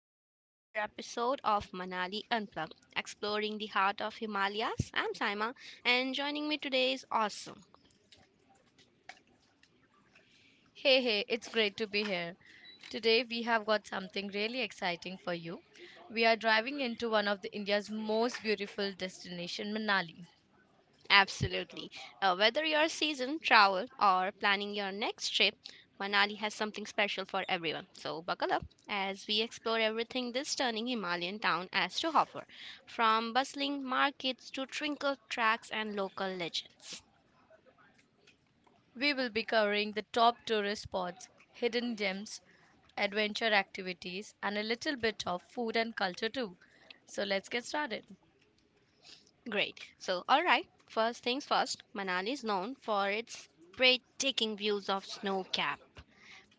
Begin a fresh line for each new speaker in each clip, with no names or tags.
welcome to another episode of Manali Unplugged, exploring the heart of Himalayas. I'm Saima, and joining me today is awesome.
Hey, it's great to be here. Today we have got something really exciting for you. We are driving into one of the India's most beautiful destination, Manali.
Absolutely. Whether you're seasoned travel or planning your next trip, Manali has something special for everyone. So buckle up as we explore everything this stunning Himalayan town has to offer, from bustling markets to trinkled tracks and local legends.
We will be covering the top tourist spots, hidden gems, adventure activities, and a little bit of food and culture too. So let's get started.
Great. So, all right, first things first, Manali is known for its breathtaking views of snow capped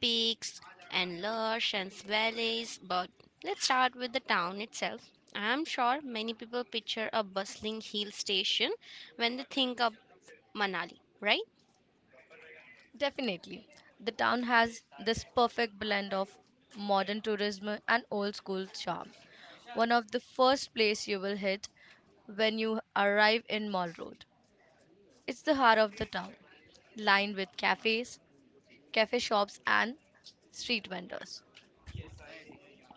peaks and lush and valleys. But let's start with the town itself. I'm sure many people picture a bustling hill station when they think of Manali, right?
Definitely. The town has this perfect blend of modern tourism and old school charm. One of the first place you will hit when you arrive in Mall Road. It's the heart of the town, lined with cafes, cafe shops and street vendors.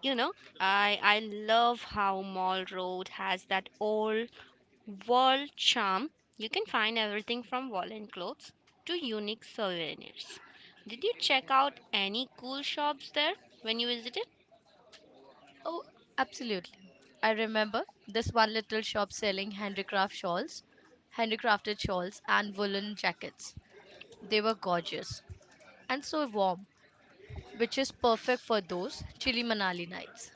You know, I love how Mall Road has that old Wall charm. You can find everything from wall and clothes to unique souvenirs. Did you check out any cool shops there when you visited?
Oh, absolutely. I remember this one little shop selling handicrafted shawls and woolen jackets. They were gorgeous and so warm, which is perfect for those chilly Manali nights.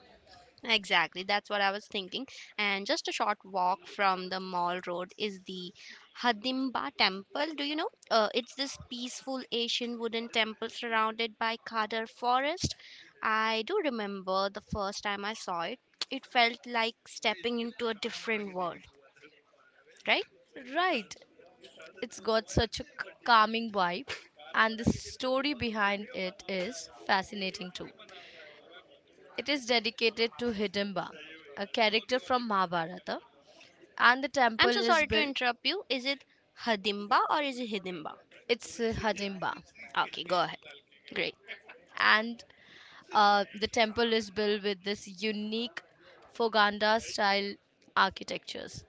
Exactly, that's what I was thinking. And just a short walk from the mall road is the Hadimba Temple. Do you know? It's this peaceful Asian wooden temple surrounded by Khadar forest. I do remember the first time I saw it. It felt like stepping into a different world, right?
Right, it's got such a calming vibe, and the story behind it is fascinating too. It is dedicated to Hidimba, a character from Mahabharata, and the
I'm so
temple is
sorry to
built.
interrupt you. Is it Hadimba or is it Hidimba?
It's Hidimba,
Okay, go ahead. Great.
and the temple is built with this unique Foganda style architectures.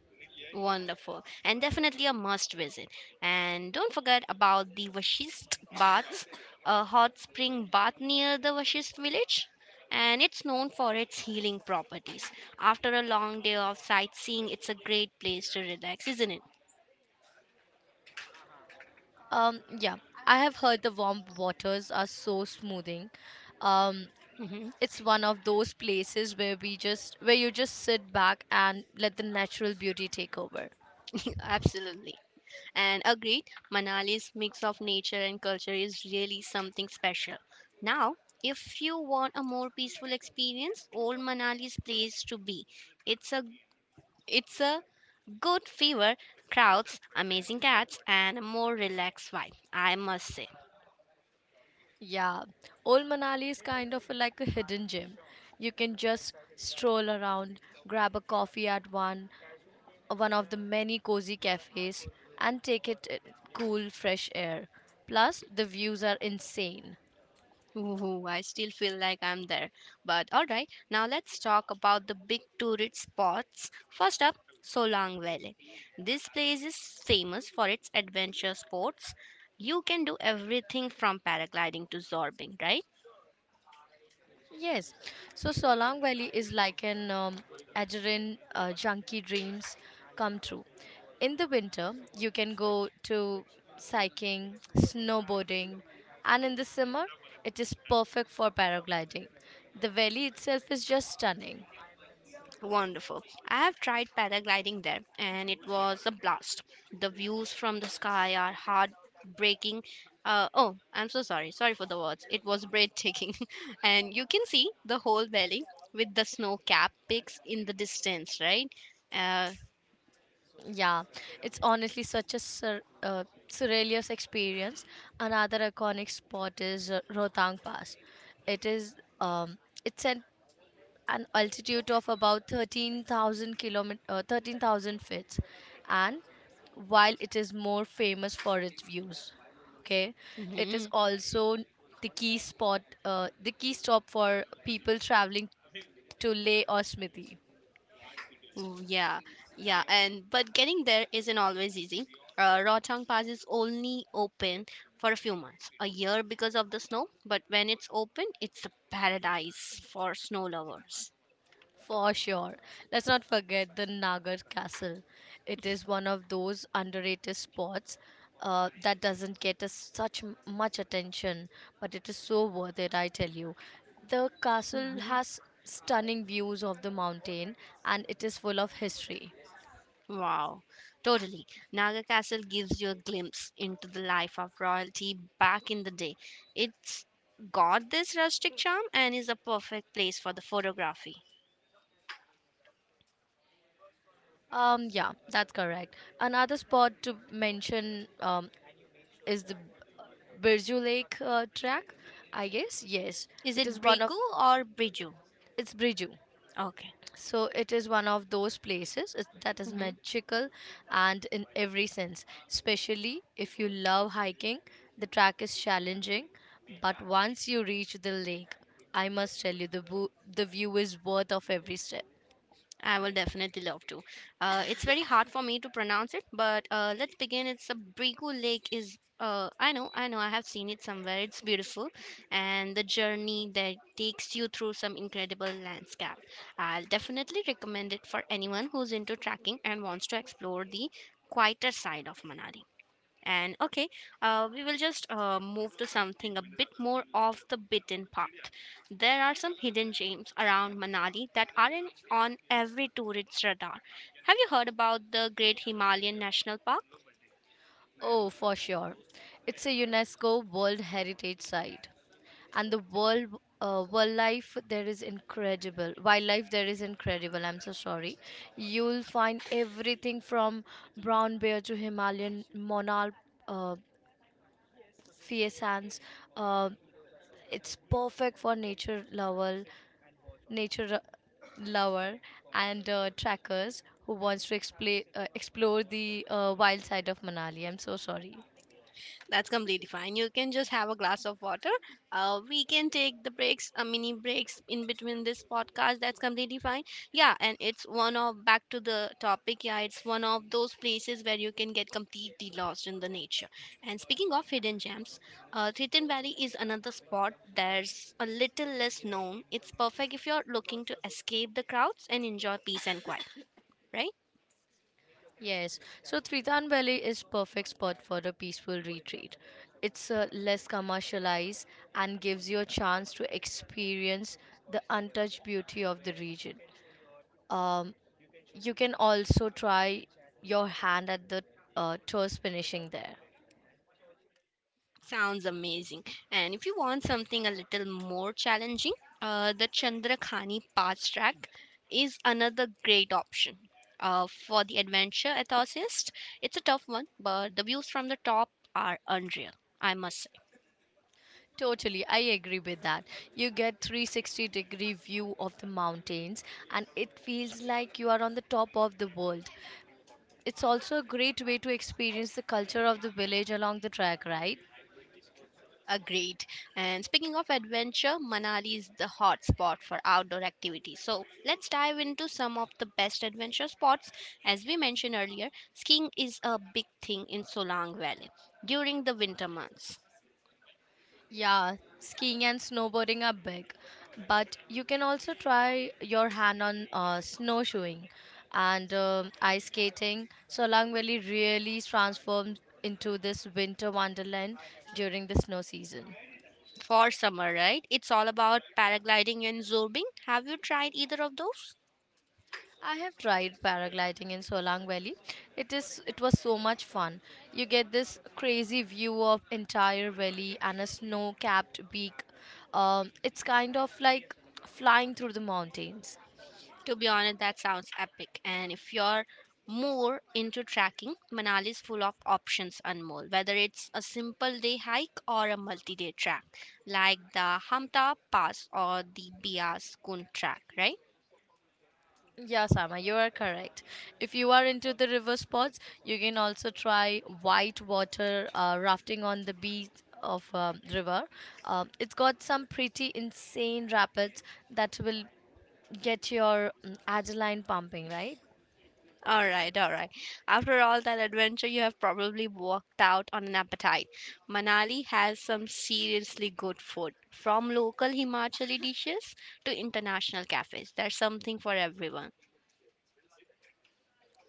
Wonderful. And definitely a must visit. And don't forget about the Vashist baths, a hot spring bath near the Vashist village. And it's known for its healing properties. After a long day of sightseeing, it's a great place to relax, isn't it?
Yeah, I have heard the warm waters are so smoothing. Um,
Mhm.
it's one of those places where we just where you just sit back and let the natural beauty take over.
Absolutely. And agreed, Manali's mix of nature and culture is really something special. Now, if you want a more peaceful experience, old Manali's place to be. It's a it's a good fever, crowds, amazing cats, and a more relaxed vibe, I must say.
Yeah, old Manali is kind of like a hidden gem. You can just stroll around, grab a coffee at one of the many cozy cafes, and take it in cool fresh air. Plus the views are insane.
Ooh, I still feel like I'm there. But all right, now let's talk about the big tourist spots. First up, Solang Valley. This place is famous for its adventure sports. You can do everything from paragliding to zorbing, right?
Yes, so Solang Valley is like an adrenaline junkie dreams come true. In the winter, you can go to cycling, snowboarding, and in the summer, it is perfect for paragliding. The valley itself is just stunning.
Wonderful. I have tried paragliding there and it was a blast. The views from the sky are heartbreaking. Oh, I'm so sorry. Sorry for the words. It was breathtaking. And you can see the whole valley with the snow capped peaks in the distance, right? Uh,
Yeah, it's honestly such a surrealist experience. Another iconic spot is Rohtang Pass. It is it's an altitude of about 13,000 13,000 feet, and while it is more famous for its views, okay, it is
mhm.
also the key stop for people traveling to Leh or Smithy.
Oh, yeah, yeah, and but getting there isn't always easy. Rohtang Pass is only open for a few months, a year because of the snow, but when it's open, it's a paradise for snow lovers.
For sure. Let's not forget the Nagar Castle. It is one of those underrated spots that doesn't get us such much attention, but it is so worth it, I tell you. The castle
Mhm.
has stunning views of the mountain, and it is full of history.
Wow, totally. Naga Castle gives you a glimpse into the life of royalty back in the day. It's got this rustic charm and is a perfect place for the photography.
Yeah, that's correct. Another spot to mention is the Birju Lake track, I guess. Yes,
Is
it
it
is one
Brigu
of
or Briju?
it's Birju.
Okay.
So it is one of those places that is
Mm-hmm.
magical and in every sense, especially if you love hiking. The track is challenging, but once you reach the lake, I must tell you the view is worth of every step.
I will definitely love to. It's very hard for me to pronounce it, but let's begin. It's a Brigu Lake. Is I know, I know, I have seen it somewhere. It's beautiful, and the journey that takes you through some incredible landscape. I'll definitely recommend it for anyone who's into trekking and wants to explore the quieter side of Manali. And okay, we will just move to something a bit more off the beaten path. There are some hidden gems around Manali that aren't on every tourist's radar. Have you heard about the Great Himalayan National Park?
Oh, for sure. It's a UNESCO World Heritage Site, and the world wildlife there is incredible wildlife there is incredible. I'm so sorry. You'll find everything from brown bear to Himalayan monarch, uh, faisands. uh, it's perfect for nature lover and trackers who wants to explore the wild side of Manali. I'm so sorry.
That's completely fine. You can just have a glass of water. We can take the breaks, mini breaks in between this podcast. That's completely fine. Yeah, and it's one of back to the topic. Yeah, it's one of those places where you can get completely lost in the nature. And speaking of hidden gems, Triton Valley is another spot that's a little less known. It's perfect if you're looking to escape the crowds and enjoy peace and quiet, right?
Yes, so Tritan Valley is perfect spot for a peaceful retreat. It's less commercialized and gives you a chance to experience the untouched beauty of the region. Um, you can also try your hand at the tours finishing there.
Sounds amazing. And if you want something a little more challenging, the Chandrakhani Pass Track is another great option. For the adventure enthusiast, it's a tough one, but the views from the top are unreal, I must say.
Totally, I agree with that. You get 360 degree view of the mountains, and it feels like you are on the top of the world. It's also a great way to experience the culture of the village along the track, right?
Agreed. And speaking of adventure, Manali is the hot spot for outdoor activities. So let's dive into some of the best adventure spots. As we mentioned earlier, skiing is a big thing in Solang Valley during the winter months.
Yeah, skiing and snowboarding are big, but you can also try your hand on snowshoeing and ice skating. Solang Valley really transforms into this winter wonderland during the snow season.
For summer, right? It's all about paragliding and zorbing. Have you tried either of those?
I have tried paragliding in Solang Valley. It was so much fun. You get this crazy view of entire valley and a snow-capped peak. It's kind of like flying through the mountains.
To be honest, that sounds epic. And if you're more into trekking, Manali is full of options, Anmol. Whether it's a simple day hike or a multi-day trek, like the Hamta Pass or the Bias Kun track, right?
Yeah, Sama, you are correct. If you are into the river sports, you can also try white water rafting on the beach of river. It's got some pretty insane rapids that will get your adrenaline pumping, right?
All right, all right. After all that adventure, you have probably walked out on an appetite. Manali has some seriously good food, from local Himachali dishes to international cafes. There's something for everyone.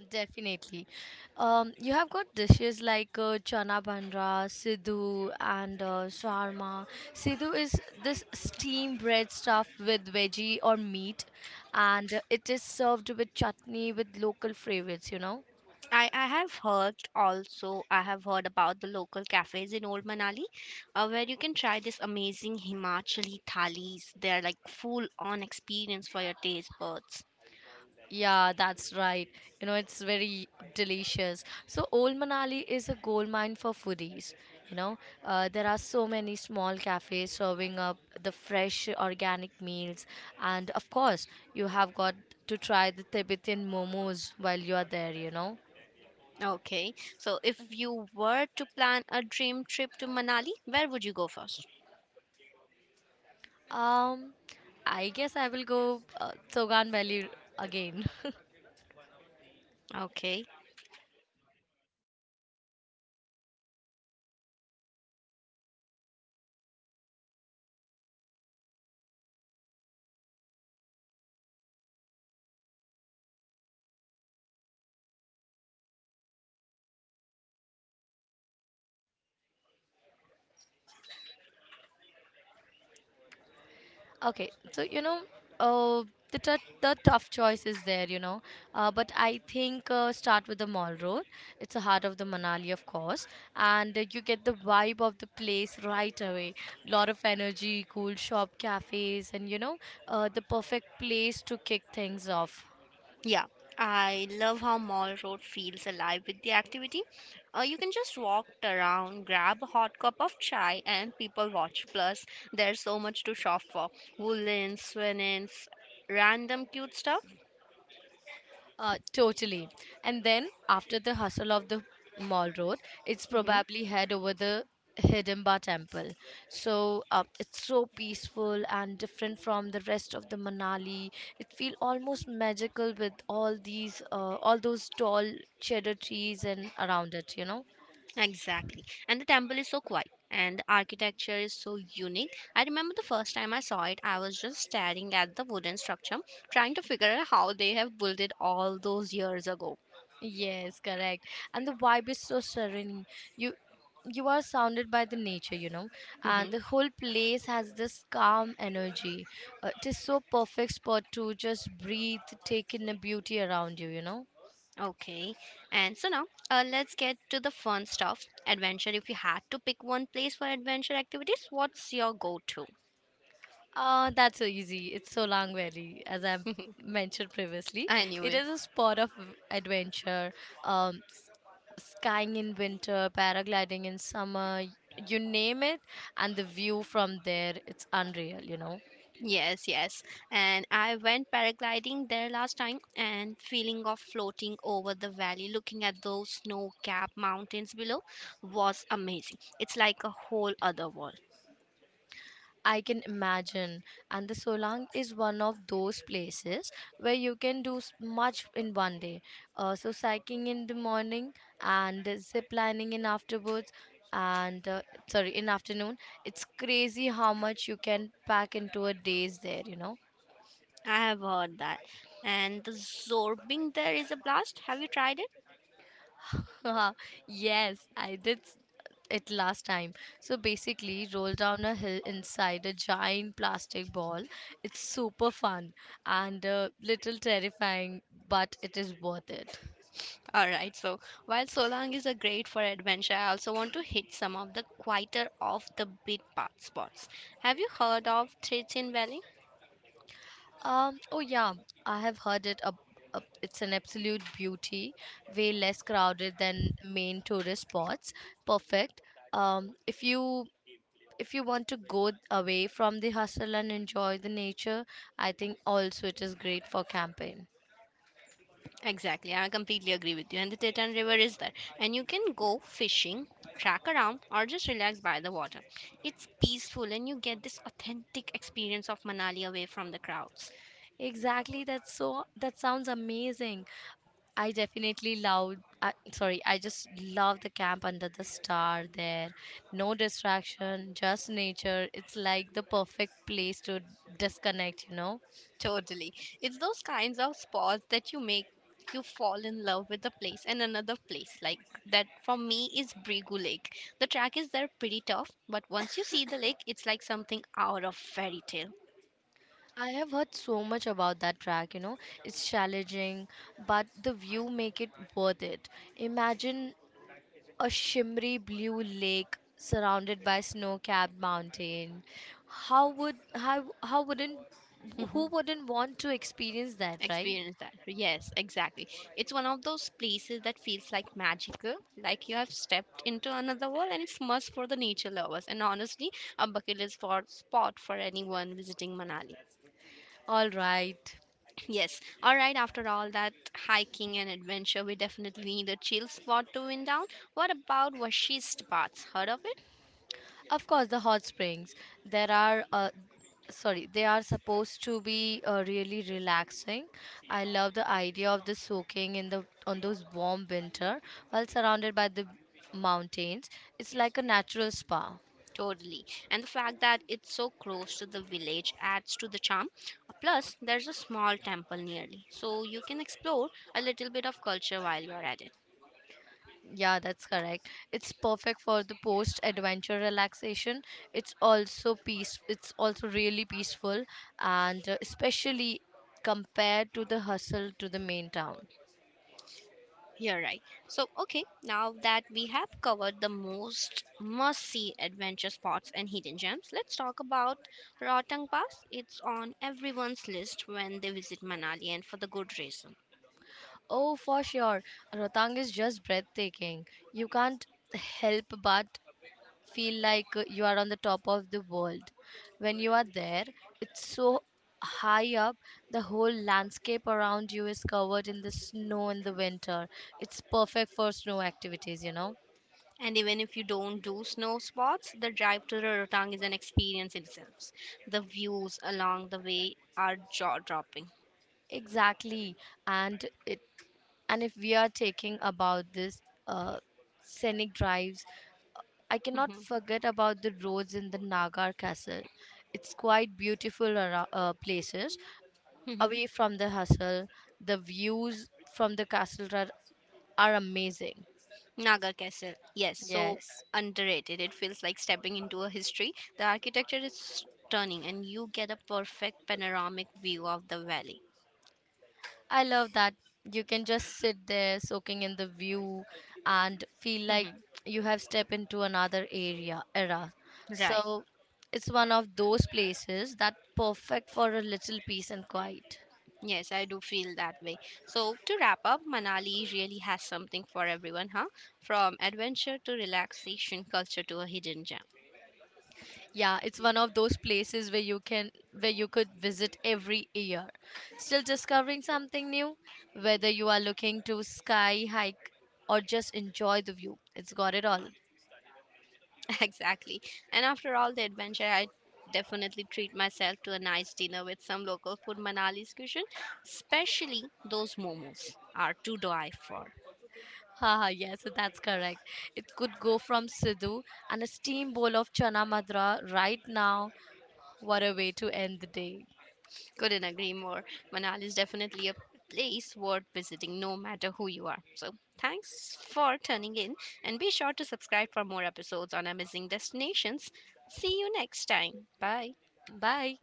Definitely. You have got dishes like chana bandra, sidhu, and sharma. Sidhu is this steamed bread stuffed with veggie or meat, and it is served with chutney with local favorites, you know.
I have heard also, I have heard about the local cafes in Old Manali where you can try this amazing Himachali thalis. They're like full on experience for your taste buds.
Yeah, that's right. You know, it's very delicious. So, Old Manali is a gold mine for foodies. You know, there are so many small cafes serving up the fresh organic meals, and of course, you have got to try the Tibetan momos while you are there. You know,
Okay, so if you were to plan a dream trip to Manali, where would you go first?
um, I guess I will go Sogan Valley again.
Okay,
Okay, so you know, uh, the tou the tough choice is there, you know, but I think start with the mall road. It's the heart of the Manali, of course, and you get the vibe of the place right away. Lot of energy, cool shop, cafes, and you know, the perfect place to kick things off.
yeah, I love how Mall Road feels alive with the activity. You can just walk around, grab a hot cup of chai, and people watch. Plus, there's so much to shop for woolens, linens, random cute stuff.
Totally. And then after the hustle of the mall road, it's
Mhm.
probably head over the Hidimba temple. So it's so peaceful and different from the rest of the Manali. It feels almost magical with all those tall cheddar trees and around it. You know.
Exactly. And the temple is so quiet and the architecture is so unique. I remember the first time I saw it, I was just staring at the wooden structure, trying to figure out how they have built it all those years ago.
Yes, correct. And the vibe is so serene. You you are surrounded by the nature, you know, and
Hmm.
the whole place has this calm energy. It is so perfect spot to just breathe, take in the beauty around you, you know.
Okay. And so now, let's get to the fun stuff. Adventure, if you had to pick one place for adventure activities, what's your go to?
That's so easy. It's Solang Valley, as I mentioned previously.
I knew
It
it.
is a spot of adventure, skying in winter, paragliding in summer, you name it, and the view from there, it's unreal, you know.
Yes, yes. And I went paragliding there last time and feeling of floating over the valley, looking at those snow-capped mountains below was amazing. It's like a whole other world.
I can imagine. And the Solang is one of those places where you can do much in one day. So cycling in the morning and zip lining in afterwards and sorry in afternoon. It's crazy how much you can pack into a days there, you know.
I have heard that. And the zorbing there is a blast. Have you tried it?
Haha, yes, I did it last time. So basically, roll down a hill inside a giant plastic ball. It's super fun and a little terrifying, but it is worth it.
All right. So while Solang is a great for adventure, I also want to hit some of the quieter off the beat path spots. Have you heard of Trichin Valley?
Oh yeah, I have heard it. It's an absolute beauty, way less crowded than main tourist spots. Perfect. If you want to go away from the hustle and enjoy the nature, I think also it is great for camping.
Exactly, I completely agree with you. And the Teton River is there, and you can go fishing, track around, or just relax by the water. It's peaceful, and you get this authentic experience of Manali away from the crowds.
Exactly. That's so. That sounds amazing. I definitely love. Sorry, I just love the camp under the star there. No distraction, just nature. It's like the perfect place to disconnect. You know.
Totally, it's those kinds of spots that you make you fall in love with the place and another place like that for me is Brigu Lake. The track is there pretty tough, but once you see the lake, it's like something out of fairy tale.
I have heard so much about that track. You know, it's challenging, but the view make it worth it. Imagine a shimmery blue lake surrounded by snow-capped mountain. How would how wouldn't who wouldn't want to experience that, right?
Experience that, yes, exactly. It's one of those places that feels like magical, like you have stepped into another world, and it's must for the nature lovers, and honestly a bucket list for spot for anyone visiting Manali.
All right.
Yes, all right, after all that hiking and adventure we definitely need a chill spot to wind down. What about washist baths, heard of it?
Of course, the hot springs. There are uh, they are supposed to be really relaxing. I love the idea of the soaking in the on those warm winter while surrounded by the mountains. It's like a natural spa.
Totally. And the fact that it's so close to the village adds to the charm. Plus, there's a small temple nearly, so you can explore a little bit of culture while you're at it.
Yeah, that's correct. It's perfect for the post-adventure relaxation. It's also really peaceful, and especially compared to the hustle to the main town.
You're right. So, okay, now that we have covered the most must see adventure spots and hidden gems, let's talk about Rotang Pass. It's on everyone's list when they visit Manali and for the good reason.
Oh, for sure, Rotang is just breathtaking. You can't help but feel like you are on the top of the world. When you are there, it's so high up, the whole landscape around you is covered in the snow in the winter. It's perfect for snow activities, you know.
And even if you don't do snow sports, the drive to the Rotang is an experience in itself. The views along the way are jaw dropping.
Exactly. And it and if we are taking about this uh, scenic drives, I cannot forget about the roads in the Nagar Castle. It's quite beautiful places away from the hustle. The views from the castle are amazing.
Naga Castle, yes, so
Yes.
underrated. It feels like stepping into a history. The architecture is stunning, and you get a perfect panoramic view of the valley.
I love that you can just sit there soaking in the view and feel like
Mhm.
you have stepped into another area era.
Right,
So it's one of those places that perfect for a little peace and quiet.
yes, I do feel that way. So, to wrap up, Manali really has something for everyone, huh? From adventure to relaxation, culture to a hidden gem.
Yeah, it's one of those places where you could visit every year. Still discovering something new, whether you are looking to sky hike or just enjoy the view. It's got it all.
Exactly. And after all the adventure, I definitely treat myself to a nice dinner with some local food Manali's cuisine, especially those momos are to die for.
Yes, that's correct. It could go from Sidhu and a steam bowl of chana madra right now. What a way to end the day.
Couldn't agree more. Manali is definitely a place worth visiting no matter who you are. So thanks for tuning in and be sure to subscribe for more episodes on amazing destinations. See you next time. Bye.
Bye.